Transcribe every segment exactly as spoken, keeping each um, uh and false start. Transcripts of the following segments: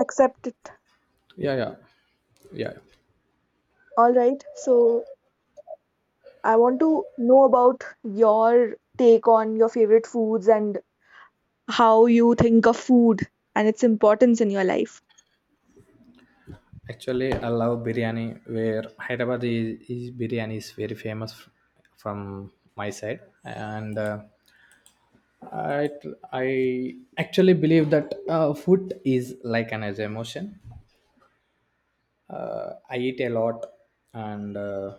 Accept it. Yeah, yeah, yeah. All right. So I want to know about your take on your favorite foods and how you think of food and its importance in your life. Actually, I love biryani. Where Hyderabad is, is biryani is very famous f- from my side, and uh, I I actually believe that uh, food is like an emotion. Uh, I eat a lot, and uh,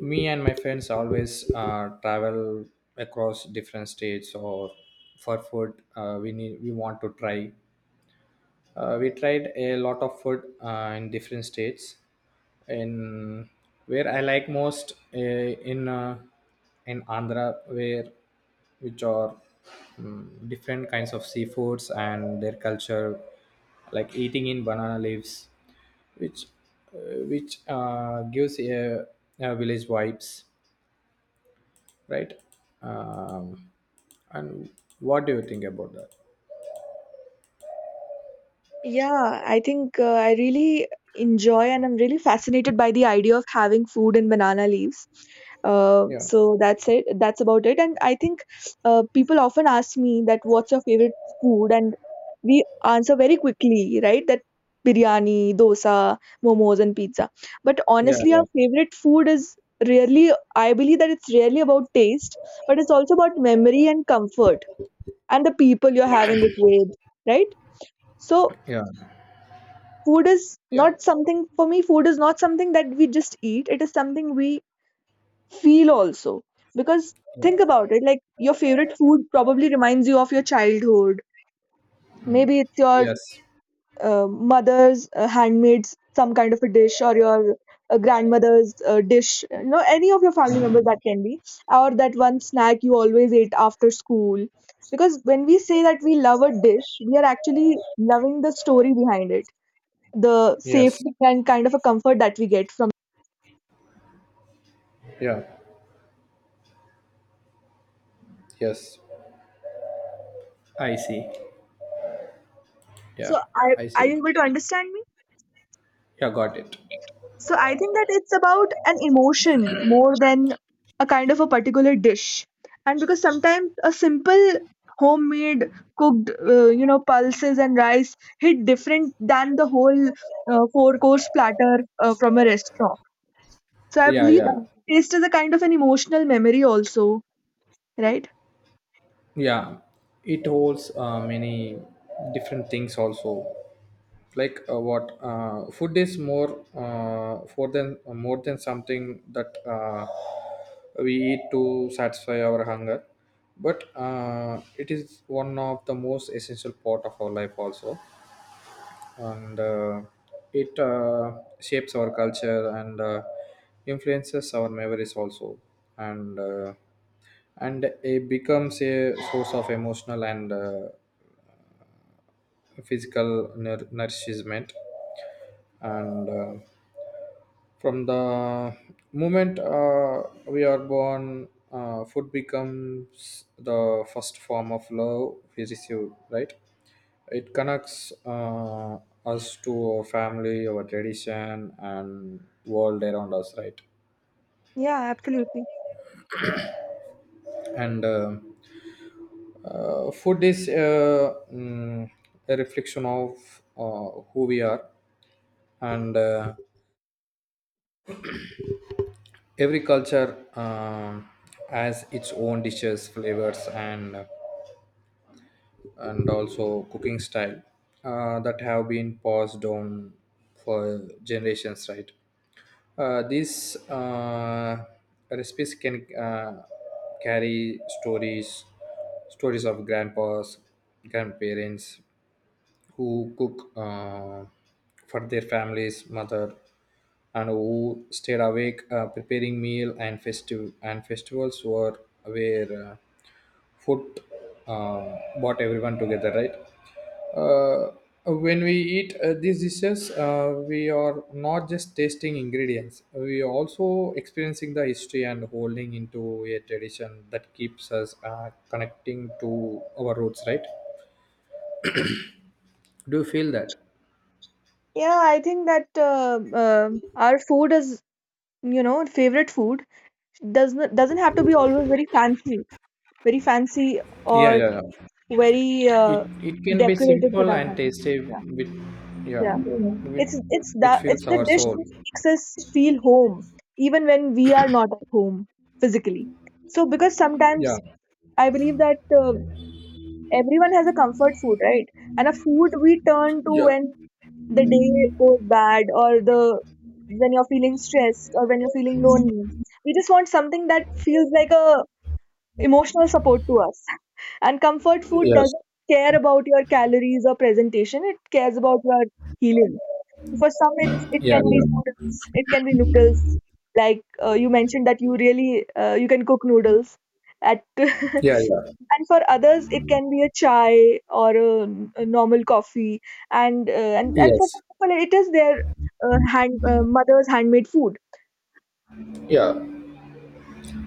me and my friends always uh, travel across different states or for food. Uh, we need we want to try. Uh, we tried a lot of food uh, in different states. In Where I like most uh, in uh, in Andhra, where which are mm, different kinds of seafoods and their culture, like eating in banana leaves, which uh, which uh, gives a, a village vibes, right? Um, and what do you think about that? Yeah, I think uh, I really enjoy and I'm really fascinated by the idea of having food in banana leaves. Uh, Yeah, so that's it. That's about it. And I think uh, people often ask me that what's your favorite food, and we answer very quickly, right? That biryani, dosa, momos, and pizza. But yeah, honestly, our yeah, favorite food is really, I believe that it's really about taste, but it's also about memory and comfort and the people you're having it with, right? So, yeah, food is yeah, not something for me, food is not something that we just eat, it is something we feel also. Because think about yeah. it, like your favorite food probably reminds you of your childhood, maybe it's your Yes. uh, mother's uh, handmade some kind of a dish, or your uh, grandmother's uh, dish, you know, any of your family members that can be, or that one snack you always ate after school, because when we say that we love a dish, we are actually loving the story behind it, the Yes. safety and kind of a comfort that we get from. Yeah. Yes. I see. So Yeah. are, I are you see. able to understand me? Yeah, got it. So I think that it's about an emotion more than a kind of a particular dish. And because sometimes a simple homemade cooked, uh, you know, pulses and rice hit different than the whole uh, four course platter uh, from a restaurant. So I Yeah. believe Yeah. that taste is a kind of an emotional memory also, right? Yeah, it holds uh, many different things also. Like uh, what uh, Food is more uh, for than more than something that uh, we eat to satisfy our hunger, but uh, it is one of the most essential part of our life also. And uh, It uh, shapes our culture and uh, influences our memories also, and uh, and it becomes a source of emotional and uh, physical nour- nourishment, and uh, from the moment uh, we are born, uh, food becomes the first form of love we receive, right? It connects uh, us to our family, our tradition, and world around us, right? Yeah, absolutely. and uh, uh, Food is, uh, mm, a reflection of uh, who we are, and uh, every culture um has its own dishes, flavors, and and also cooking style uh, that have been passed down for generations, right? Uh, these uh, recipes can uh, carry stories stories of grandpas grandparents who cook uh, for their families, mother, and who stayed awake uh, preparing meal, and festive and festivals were where uh, food uh, brought everyone together, right? Uh, when we eat uh, these dishes, uh, we are not just tasting ingredients; we are also experiencing the history and holding into a tradition that keeps us uh, connecting to our roots, right? Do you feel that? Yeah, I think that uh, um our food is, you know, favorite food doesn't doesn't have to be always very fancy, very fancy or. Yeah, yeah, yeah. Very uh, It it can be decorated for simple that and matter. tasty Yeah. with, yeah, Yeah, Mhm. with, it's it's the which it's fills the our dish that soul. makes us feel home, even when we are not at home physically. So because sometimes Yeah, I believe that uh, everyone has a comfort food, right? And a food we turn to yeah, when the day goes bad, or the when you're feeling stressed, or when you're feeling lonely. We just want something that feels like a emotional support to us. And comfort food yes, doesn't care about your calories or presentation, it cares about your healing. For some, it's, it yeah, can be yeah, noodles, it can be noodles. Like uh, you mentioned that you really uh, you can cook noodles at and yeah, yeah, for others it can be a chai or a a normal coffee and uh, and and for yes, some people it is their uh, hand uh, mother's handmade food. yeah.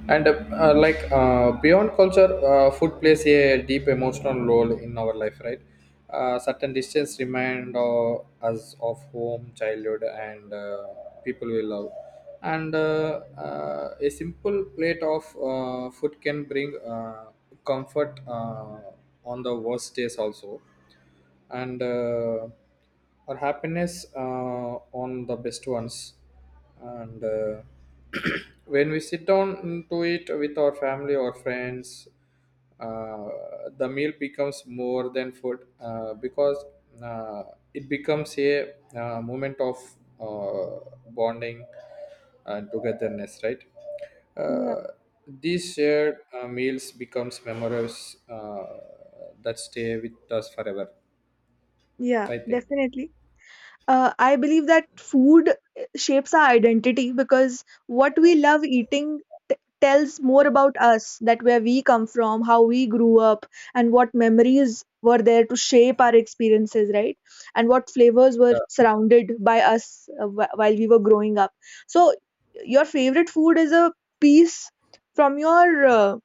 and uh, uh, like uh, Beyond culture, uh, food plays a deep emotional role in our life, right? Uh, certain dishes remind uh, us of home, childhood, and uh, people we love and uh, uh, a simple plate of uh, food can bring uh, comfort uh, on the worst days also, and uh, our happiness uh, on the best ones, and uh, when we sit down to it with our family or friends, uh, the meal becomes more than food uh, because uh, it becomes a, uh, moment of, uh, bonding and togetherness, right? Yeah. uh, these shared uh, meals becomes memories uh, that stay with us forever, Yeah, I think. definitely. uh, I believe that food uh, shapes our identity because what we love eating t- tells more about us, that where we come from, how we grew up, and what memories were there to shape our experiences, right? And what flavors were Uh, surrounded by us uh, wh- while we were growing up. So, your favorite food is a piece from your uh,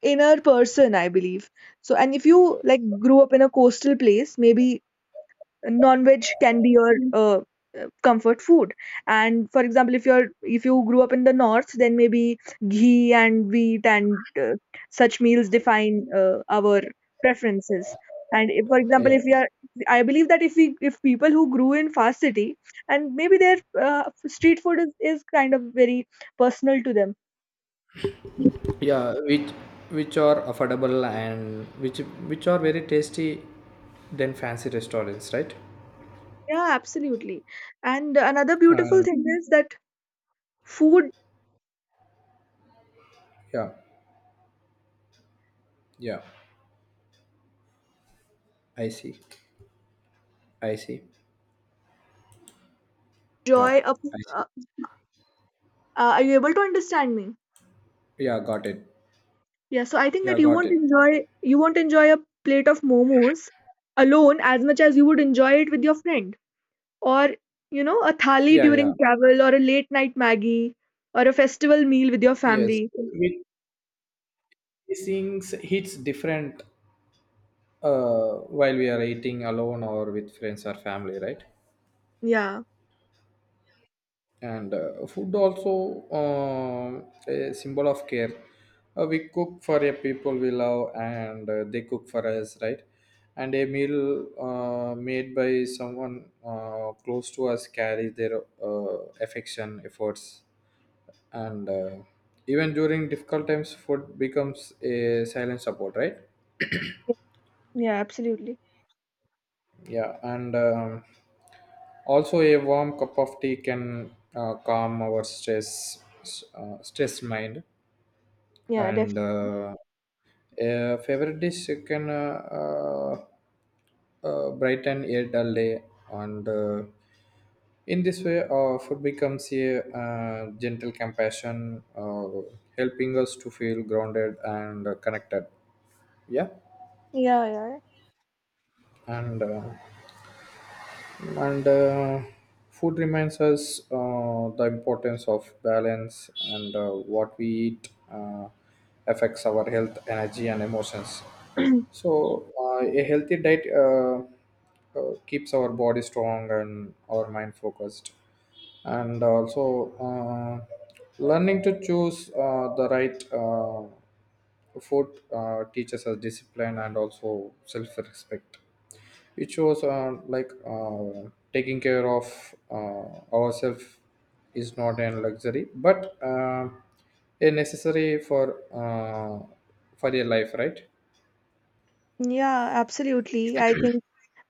inner person, I believe. So, and if you like grew up in a coastal place, maybe non-veg can be your uh, uh, comfort food. And for example, if you're if you grew up in the north, then maybe ghee and wheat and uh, such meals define uh, our preferences. And if, for example, yeah. if we are, I believe that if we, if people who grew in fast city, and maybe their uh, street food is, is kind of very personal to them. Yeah, which which are affordable and which which are very tasty than fancy restaurants, right? Yeah, absolutely. And another beautiful And thing is that food yeah, yeah. I see. I see. Yeah, joy up. I uh, see. uh, are you able to understand me? Yeah, got it. Yeah, so I think that Yeah, you got won't it. enjoy you won't enjoy a plate of momos alone as much as you would enjoy it with your friend. Or, you know, a thali Yeah, yeah, during travel, or a late night Maggie, or a festival meal with your yes. family. With, these things hits different uh, while we are eating alone or with friends or family, right? Yeah. And uh, food also, um, a symbol of care. Uh, we cook for a people we love and uh, they cook for us, right? And a meal uh, made by someone uh, close to us carries their uh, affection, efforts, and uh, even during difficult times food becomes a silent support, right? Yeah, absolutely. Yeah, and um, also a warm cup of tea can uh, calm our stress, s- uh, stressed mind, Yeah, definitely. and uh, a favorite dish can uh, uh, uh, brighten a dull day, and uh, in this way uh, food becomes a, uh, gentle compassion, uh, helping us to feel grounded and connected. Yeah. Yeah, and uh, and uh, Food reminds us uh, the importance of balance, and uh, what we eat uh, affects our health, energy, and emotions. yeah. So uh, a healthy diet uh, uh, keeps our body strong and our mind focused, and also uh, learning to choose uh, the right uh, food uh, teaches us discipline and also self-respect, which was uh, like uh, taking care of uh, ourselves is not a luxury but uh, a necessary for, uh, for your life, right? Yeah, absolutely. I think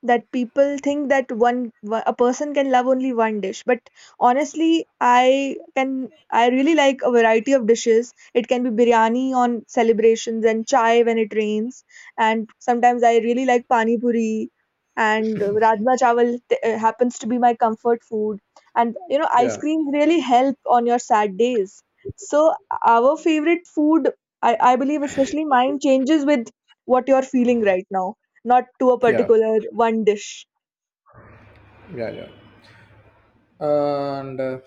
that people think that one, a person can love only one dish, but honestly I can, I really like a variety of dishes. It can be biryani on celebrations and chai when it rains, and sometimes I really like pani puri, and rajma chawal t- uh, happens to be my comfort food, and you know, ice Yeah, creams really help on your sad days. So our favorite food, i, I believe, especially mine, changes with what you're feeling right now, not to a yeah, particular one dish. yeah, yeah. and uh,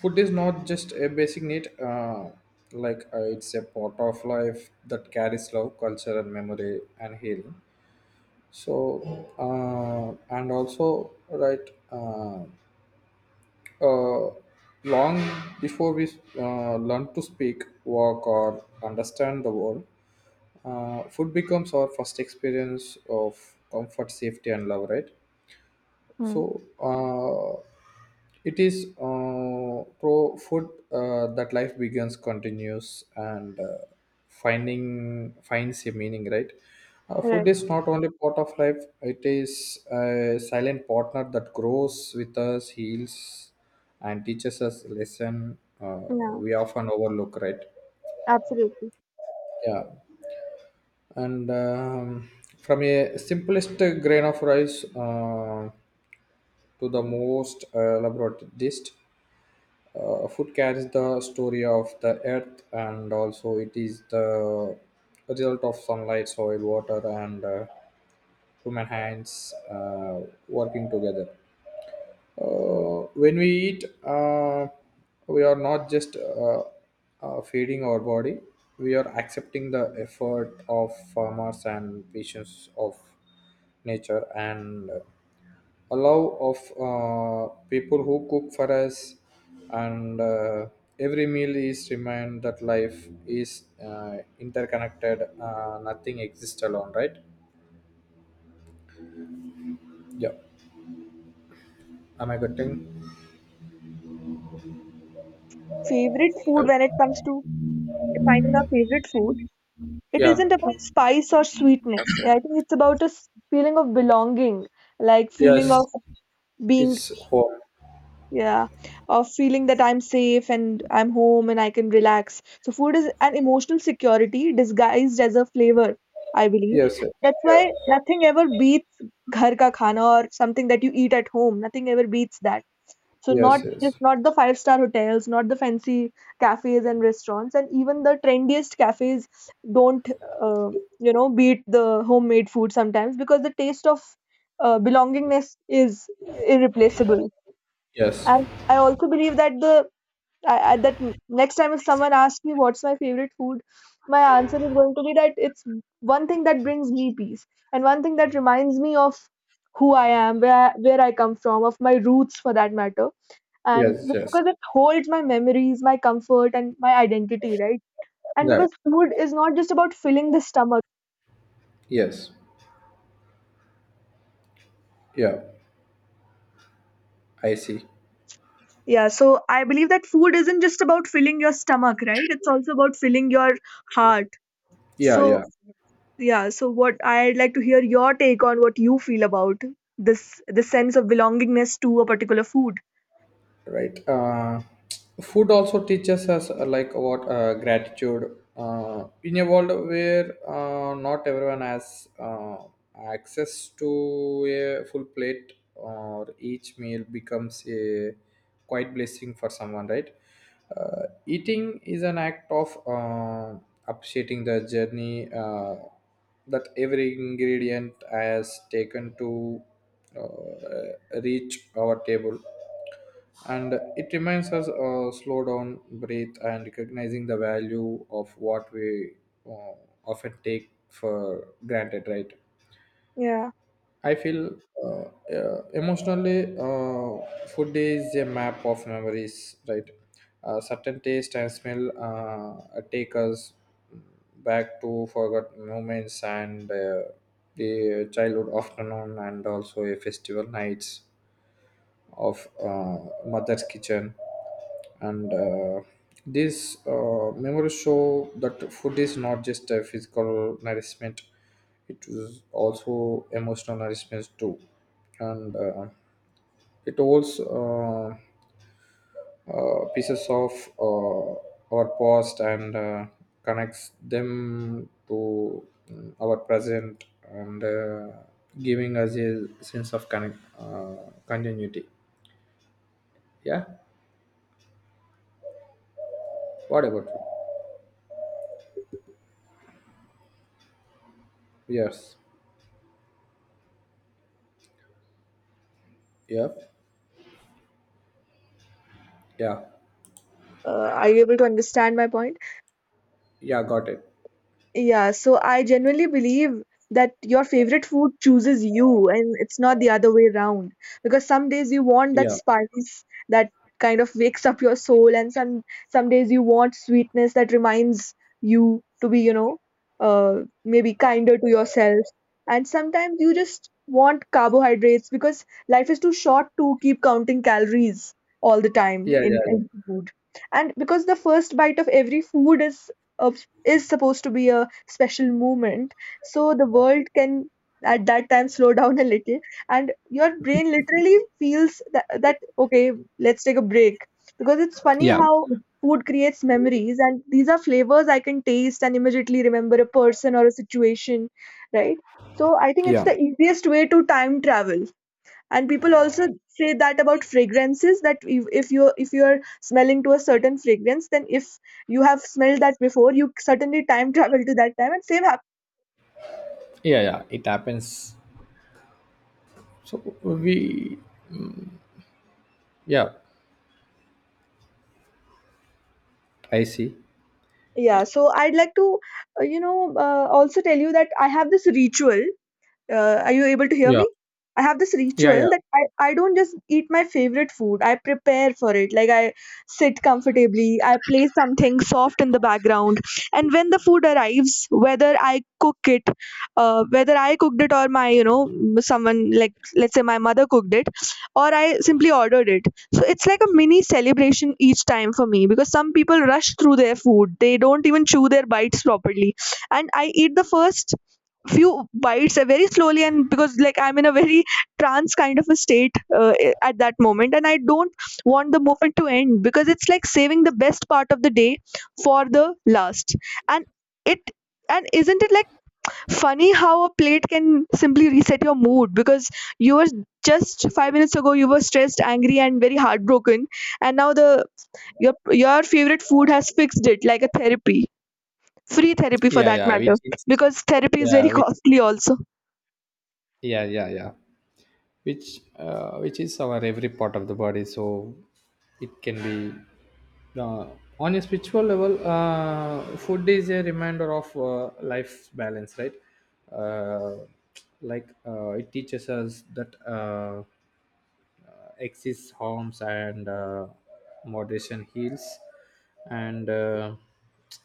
Food is not just a basic need, uh, like uh, it's a part of life that carries love, culture, and memory, and healing. so uh, and also, right, uh, uh, long before we uh, learn to speak, walk, or understand the world, Uh, food becomes our first experience of comfort, safety, and love, right? Hmm. So uh, it is uh, pro food uh, that life begins, continues, and uh, finding finds a meaning, right? Uh, food Right. is not only part of life; it is a silent partner that grows with us, heals, and teaches us lesson uh, Yeah. we often overlook, right? Absolutely. Yeah. And um, from a simplest grain of rice, Uh, to the most uh, elaborate list. Uh, food carries the story of the earth, and also it is the result of sunlight, soil, water, and uh, human hands uh, working together. Uh, when we eat, uh, we are not just uh, uh, feeding our body, we are accepting the effort of farmers and patience of nature and allow of uh, people who cook for us, and uh, every meal is remind that life is uh, interconnected, uh, nothing exists alone, right? Yeah, am I getting? Favorite uh, food, when it comes to finding our favorite food, it yeah. isn't about spice or sweetness. I think it's about a s- feeling of belonging, like feeling Yes, of being, it's home. yeah, of feeling that I'm safe and I'm home and I can relax. So food is an emotional security disguised as a flavor, I believe. Yes. Yes, That's why yeah. nothing ever beats ghar ka khana or something that you eat at home. Nothing ever beats that. So not Yes, just, yes, not the five star hotels, not the fancy cafes and restaurants, and even the trendiest cafes don't, uh, you know, beat the homemade food sometimes, because the taste of uh, belongingness is irreplaceable. yes, And I also believe that the I, I, that next time if someone asks me what's my favorite food, my answer is going to be that it's one thing that brings me peace, and one thing that reminds me of who I am, where I, where I come from, of my roots for that matter, and yes, yes, because it holds my memories, my comfort, and my identity, right? And right, because food is not just about filling the stomach. yes, yeah. I see. Yeah, so I believe that food isn't just about filling your stomach, right? It's also about filling your heart. Yeah, yeah, So, yeah, so what I'd like to hear your take on, what you feel about this, the sense of belongingness to a particular food. right. Uh, food also teaches us, uh, like what uh, gratitude, uh, in a world where uh, not everyone has uh, access to a full plate, or each meal becomes a quite blessing for someone, right? Uh, eating is an act of uh, appreciating the journey uh, that every ingredient has taken to uh, reach our table, and it reminds us uh, slow down, breathe, and recognizing the value of what we uh, often take for granted, right? Yeah. I feel, uh, uh, emotionally, uh, food is a map of memories, right? Uh, certain taste and smell uh, take us back to forgotten moments, and uh, the childhood afternoon and also a festival nights of uh, mother's kitchen. And uh, these uh, memories show that food is not just a physical nourishment, it is also emotional nourishment too, and uh, it holds uh, uh, pieces of uh, our past, and uh, connects them to, mm, our present, and uh, giving us a sense of connect, uh, continuity. Yeah, what about you? Yes. Yep. Yeah. Uh, are you able to understand my point? Yeah, got it. Yeah, so I genuinely believe that your favorite food chooses you and it's not the other way around. Because some days you want that Yeah. spice that kind of wakes up your soul, and some some days you want sweetness that reminds you to be, you know, uh, maybe kinder to yourself. And sometimes you just want carbohydrates, because life is too short to keep counting calories all the time Yeah. Yeah. in, Yeah. in food. And because the first bite of every food is a, is supposed to be a special moment, so the world can at that time slow down a little, and your brain literally feels that, that okay, let's take a break. Because it's funny Yeah. how food creates memories, and these are flavors I can taste and immediately remember a person or a situation, right? So I think it's the Yeah. easiest way to time travel. And people also say that about fragrances, that if, if you, if you are smelling to a certain fragrance, then if you have smelled that before, you certainly time travel to that time, and same happen. Yeah. Yeah, it happens. So we. Yeah. I see. Yeah, so I'd like to uh, you know, uh, also tell you that I have this ritual. Uh, are you able to hear me? Yeah. I have this Yeah. ritual Yeah. that I, I don't just eat my favorite food. I prepare for it. Like I sit comfortably, I play something soft in the background. And when the food arrives, whether I cook it, uh, whether I cooked it, or my, you know, someone, like let's say my mother cooked it, or I simply ordered it. So it's like a mini celebration each time for me, because some people rush through their food. They don't even chew their bites properly. And I eat the first few bites uh, very slowly, and because like I'm in a very trance kind of a state uh, at that moment, and I don't want the moment to end, because it's like saving the best part of the day for the last. And it and Isn't it like funny how a plate can simply reset your mood, because you were just five minutes ago, you were stressed, angry, and very heartbroken, and now the your your favorite food has fixed it like a therapy, free therapy for Yeah. that Yeah, which matter, is. because therapy is very Yeah, which. costly also. Yeah. Yeah. Yeah, which. Uh, which is our every part of the body. So it can be. Uh, on a spiritual level, uh, food is a reminder of uh, life's balance, right? Uh, like uh, it teaches us that uh, exists harms, and uh, moderation heals, and uh,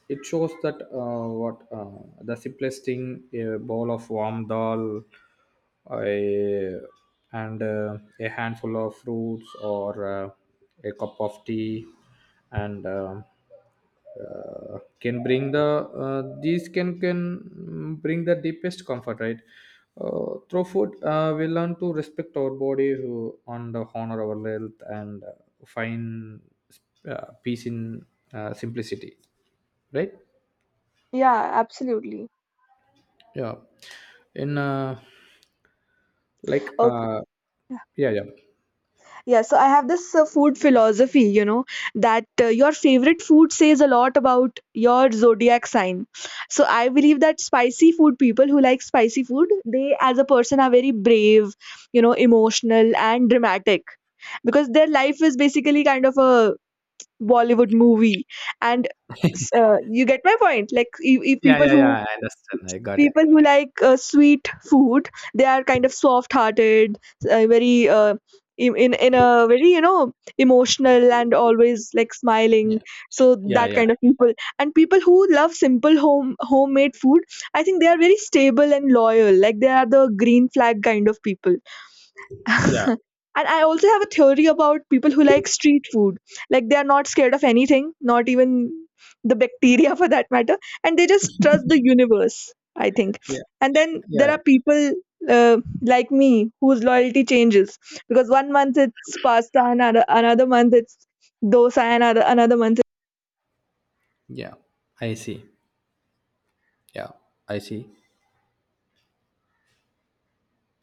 it shows that, uh, what uh, the simplest thing, a bowl of warm dal, a, and uh, a handful of fruits, or uh, a cup of tea, and um uh, can bring the, uh, these can can mm, bring the deepest comfort, right? Uh, through food uh, we learn to respect our bodies, uh, and uh, honor our health, and uh, find uh, peace in uh, simplicity, right? Yeah, absolutely. Yeah. in uh, like Okay. Uh, yeah, yeah. Yeah, so I have this uh, food philosophy, you know, that uh, your favorite food says a lot about your zodiac sign. So I believe that spicy food, people who like spicy food, they as a person are very brave, you know, emotional and dramatic, because their life is basically kind of a Bollywood movie. And s- uh, you get my point. Like, if, if Yeah, people yeah, who yeah, I understand, I got it. people who like uh, sweet food, they are kind of soft hearted, uh, very uh, in in in a very you know emotional and always like smiling, Yeah, so yeah, that yeah, kind of people. And people who love simple home homemade food, I think they are very stable and loyal, like they are the green flag kind of people. yeah, And I also have a theory about people who like street food. Like they are not scared of anything, not even the bacteria for that matter, and they just trust the universe, I think. yeah, And then there yeah, are people uh, like me whose loyalty changes because one month it's pasta, another, another month it's dosa, and another, another month. yeah. I see. Yeah, I see.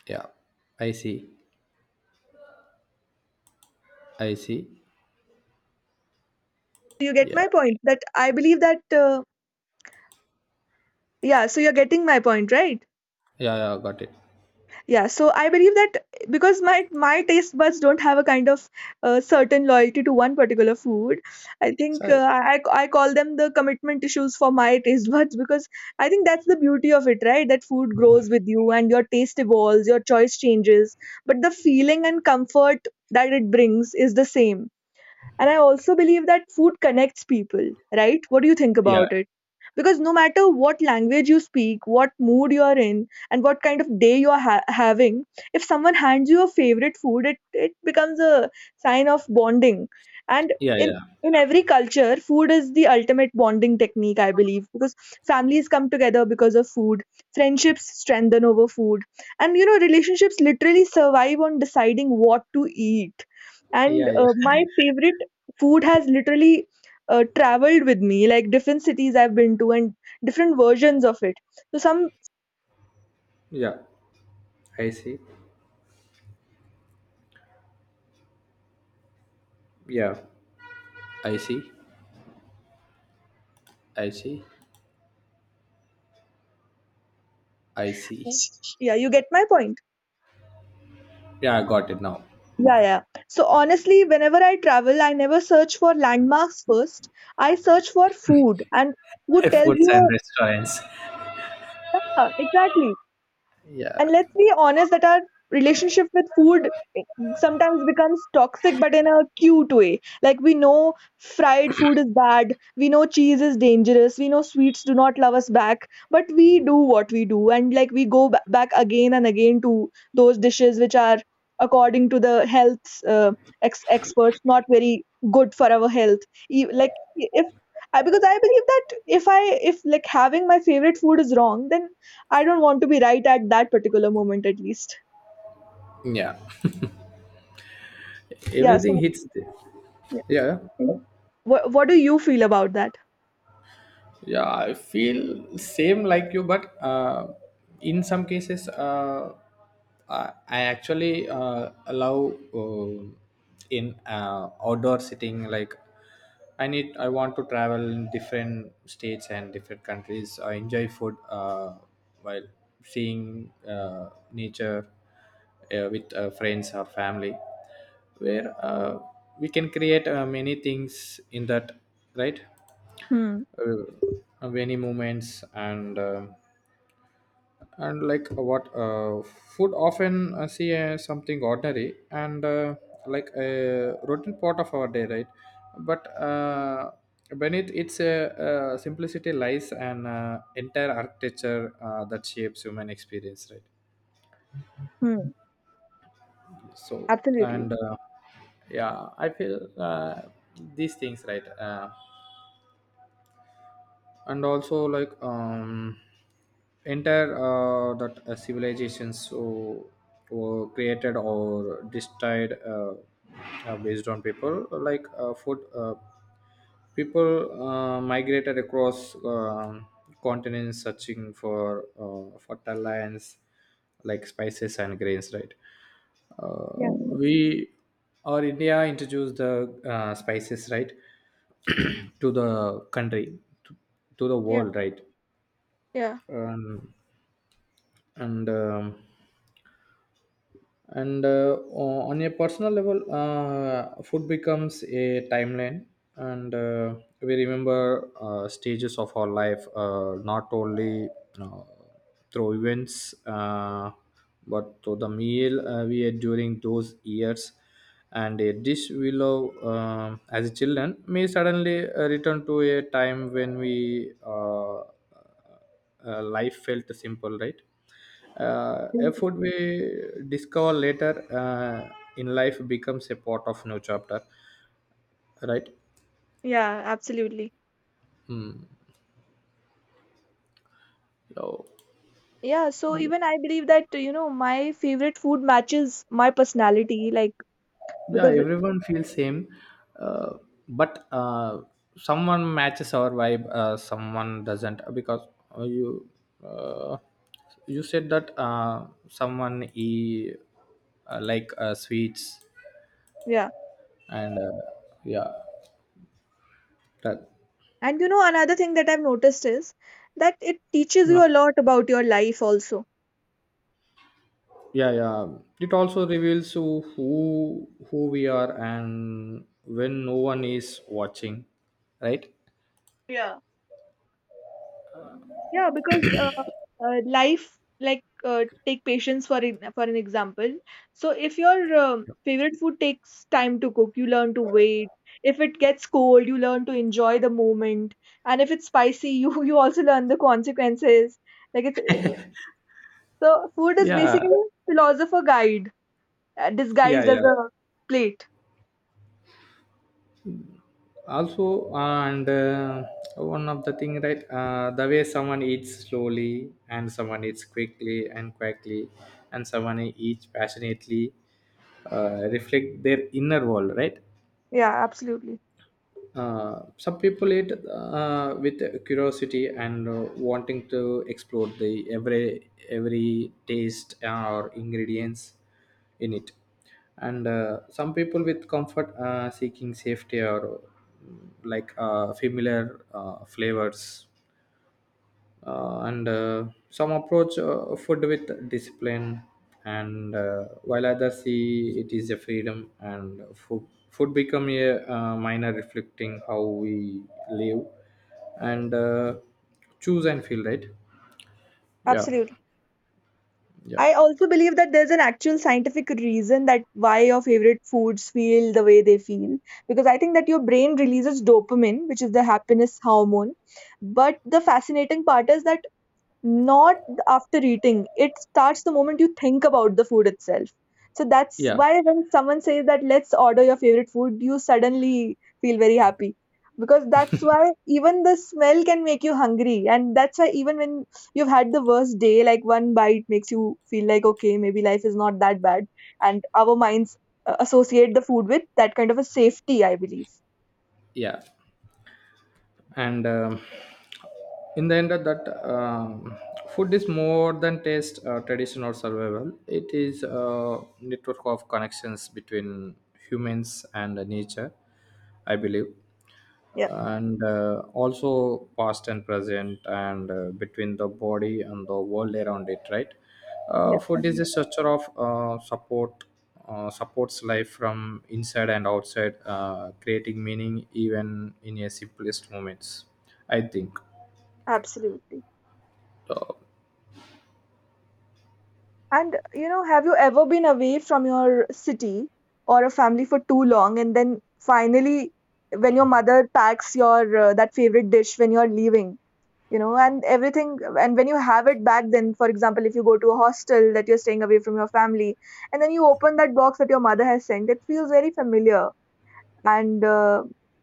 Yeah, I see. I see. You get Yeah. my point that I believe that, uh, yeah, so you're getting my point, right? Yeah, yeah, got it. Yeah, so I believe that because my my taste buds don't have a kind of uh, certain loyalty to one particular food. I think, So uh, I, I call them the commitment issues for my taste buds, because I think that's the beauty of it, right? That food grows with you and your taste evolves, your choice changes, but the feeling and comfort that it brings is the same. And I also believe that food connects people, right? What do you think yeah, about it? Because no matter what language you speak, what mood you are in, and what kind of day you are ha- having, if someone hands you a favorite food, it, it becomes a sign of bonding. And yeah, in yeah. in every culture, food is the ultimate bonding technique, I believe, because families come together because of food, friendships strengthen over food, and you know, relationships literally survive on deciding what to eat. And Yeah, uh, yeah. my favorite food has literally uh, traveled with me, like different cities I've been to and different versions of it. So some, Yeah. I see. Yeah. I see. I see. I see. yeah, you get my point. Yeah, I got it now. Yeah, yeah, so honestly, whenever I travel, I never search for landmarks first, I search for food. And food tells Foods and you, restaurants. yeah, exactly. And Yeah. let's be honest that our relationship with food sometimes becomes toxic, but in a cute way. Like, we know fried food is bad, we know cheese is dangerous, we know sweets do not love us back, but we do what we do, and like we go ba- back again and again to those dishes which are, according to the health uh, ex- experts, not very good for our health. E- Like, if I, because I believe that if I, if like having my favorite food is wrong, then I don't want to be right at that particular moment, at least. Yeah, Yeah. everything So, hits there. yeah. Yeah. Yeah. What, what do you feel about that? Yeah, I feel same like you, but uh, in some cases uh, i I actually uh, allow uh, in uh, outdoor sitting. like i need I want to travel in different states and different countries. I enjoy food uh, while seeing uh, nature uh, with uh, friends or family, where uh, we can create uh, many things in that, right? Hmm. Uh, many moments, and um and like what uh, food often uh, see uh, something ordinary and, uh, like a routine part of our day, right? But uh, beneath its uh, uh, simplicity lies an uh, entire architecture uh, that shapes human experience, right? Hmm. so Absolutely. and uh, yeah, I feel, uh, these things, right? Uh, and also like um entire uh, that uh, civilizations so were created or destroyed uh, uh, based on people, like uh, food. Uh, people uh, migrated across um continents searching for uh, fertile lands, like spices and grains, right? uh, Yeah. we or India introduced the uh, spices, right? To the country, to the Yeah. world, right? Yeah. um, and um, and uh, o- on a personal level, uh, food becomes a timeline, and uh, we remember uh, stages of our life, uh, not only uh, through events, uh, but through the meal uh, we ate during those years, and a dish we love um as a children may suddenly uh, return to a time when we uh, uh, uh, life felt simple, right? Uh, a food we discover later uh, in life becomes a part of new chapter, right? Yeah, absolutely. So Yeah, so even I believe that, you know, my favorite food matches my personality, like, yeah, because, everyone feels same, uh, but uh, someone matches our vibe, uh, someone doesn't because, uh, you uh, you said that uh, someone, e uh, like uh, sweets, yeah. and uh, yeah, that. And, you know, another thing that I've noticed is that it teaches Yeah, you a lot about your life also. yeah, yeah, it also reveals who who who we are, and when no one is watching, right? Yeah. Yeah, because uh, uh, life, like, uh, take patience for an, for an example. So if your um favorite food takes time to cook, you learn to wait. If it gets cold, you learn to enjoy the moment. And if it's spicy, you you also learn the consequences. Like, it's eh, eh, so food is basically Yeah, a philosopher guide, uh, yeah, disguised as yeah, a plate. also. And uh, one of the thing, right? Uh, the way someone eats slowly and someone eats quickly and quickly, and someone eats passionately uh, reflect their inner world, right? Yeah, absolutely, uh, Some people eat uh, with curiosity and uh, wanting to explore the every every taste or ingredients in it, and uh, some people with comfort uh, seeking safety or, mm, like uh, familiar uh, flavors, uh, and uh, some approach uh, food with discipline, and uh, while others see it is a freedom, and food food become a, uh, minor reflecting how we live and uh, choose and feel, right? Yeah, absolutely. yeah, I also believe that there's an actual scientific reason that why your favorite foods feel the way they feel, because I think that your brain releases dopamine, which is the happiness hormone. But the fascinating part is that, not after eating. It starts the moment you think about the food itself. So that's yeah, why when someone says that let's order your favorite food, you suddenly feel very happy. Because that's why even the smell can make you hungry. And that's why even when you've had the worst day, like one bite makes you feel like, okay, maybe life is not that bad. And our minds uh, associate the food with that kind of a safety, I believe. yeah. and um, In the end of that, um, food is more than taste, uh, tradition, or survival. It is a network of connections between humans and nature, I believe, Yeah, and uh, also past and present, and uh, between the body and the world around it, right? yeah, uh, Food is a structure of uh, support, uh, supports life from inside and outside, uh, creating meaning even in a simplest moments, I think. absolutely. Uh, And you know, have you ever been away from your city or a family for too long, and then finally, when your mother packs your uh, that favorite dish when you're leaving, you know, and everything, and when you have it back, then for example, if you go to a hostel that you're staying away from your family, and then you open that box that your mother has sent, it feels very familiar, and uh,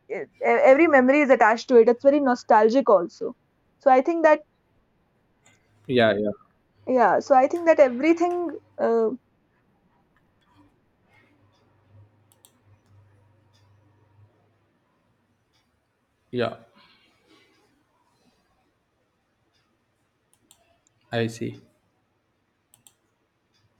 it, e- every memory is attached to it. It's very nostalgic also. So I think that, yeah, yeah, yeah, so I think that everything. uh, yeah. I see.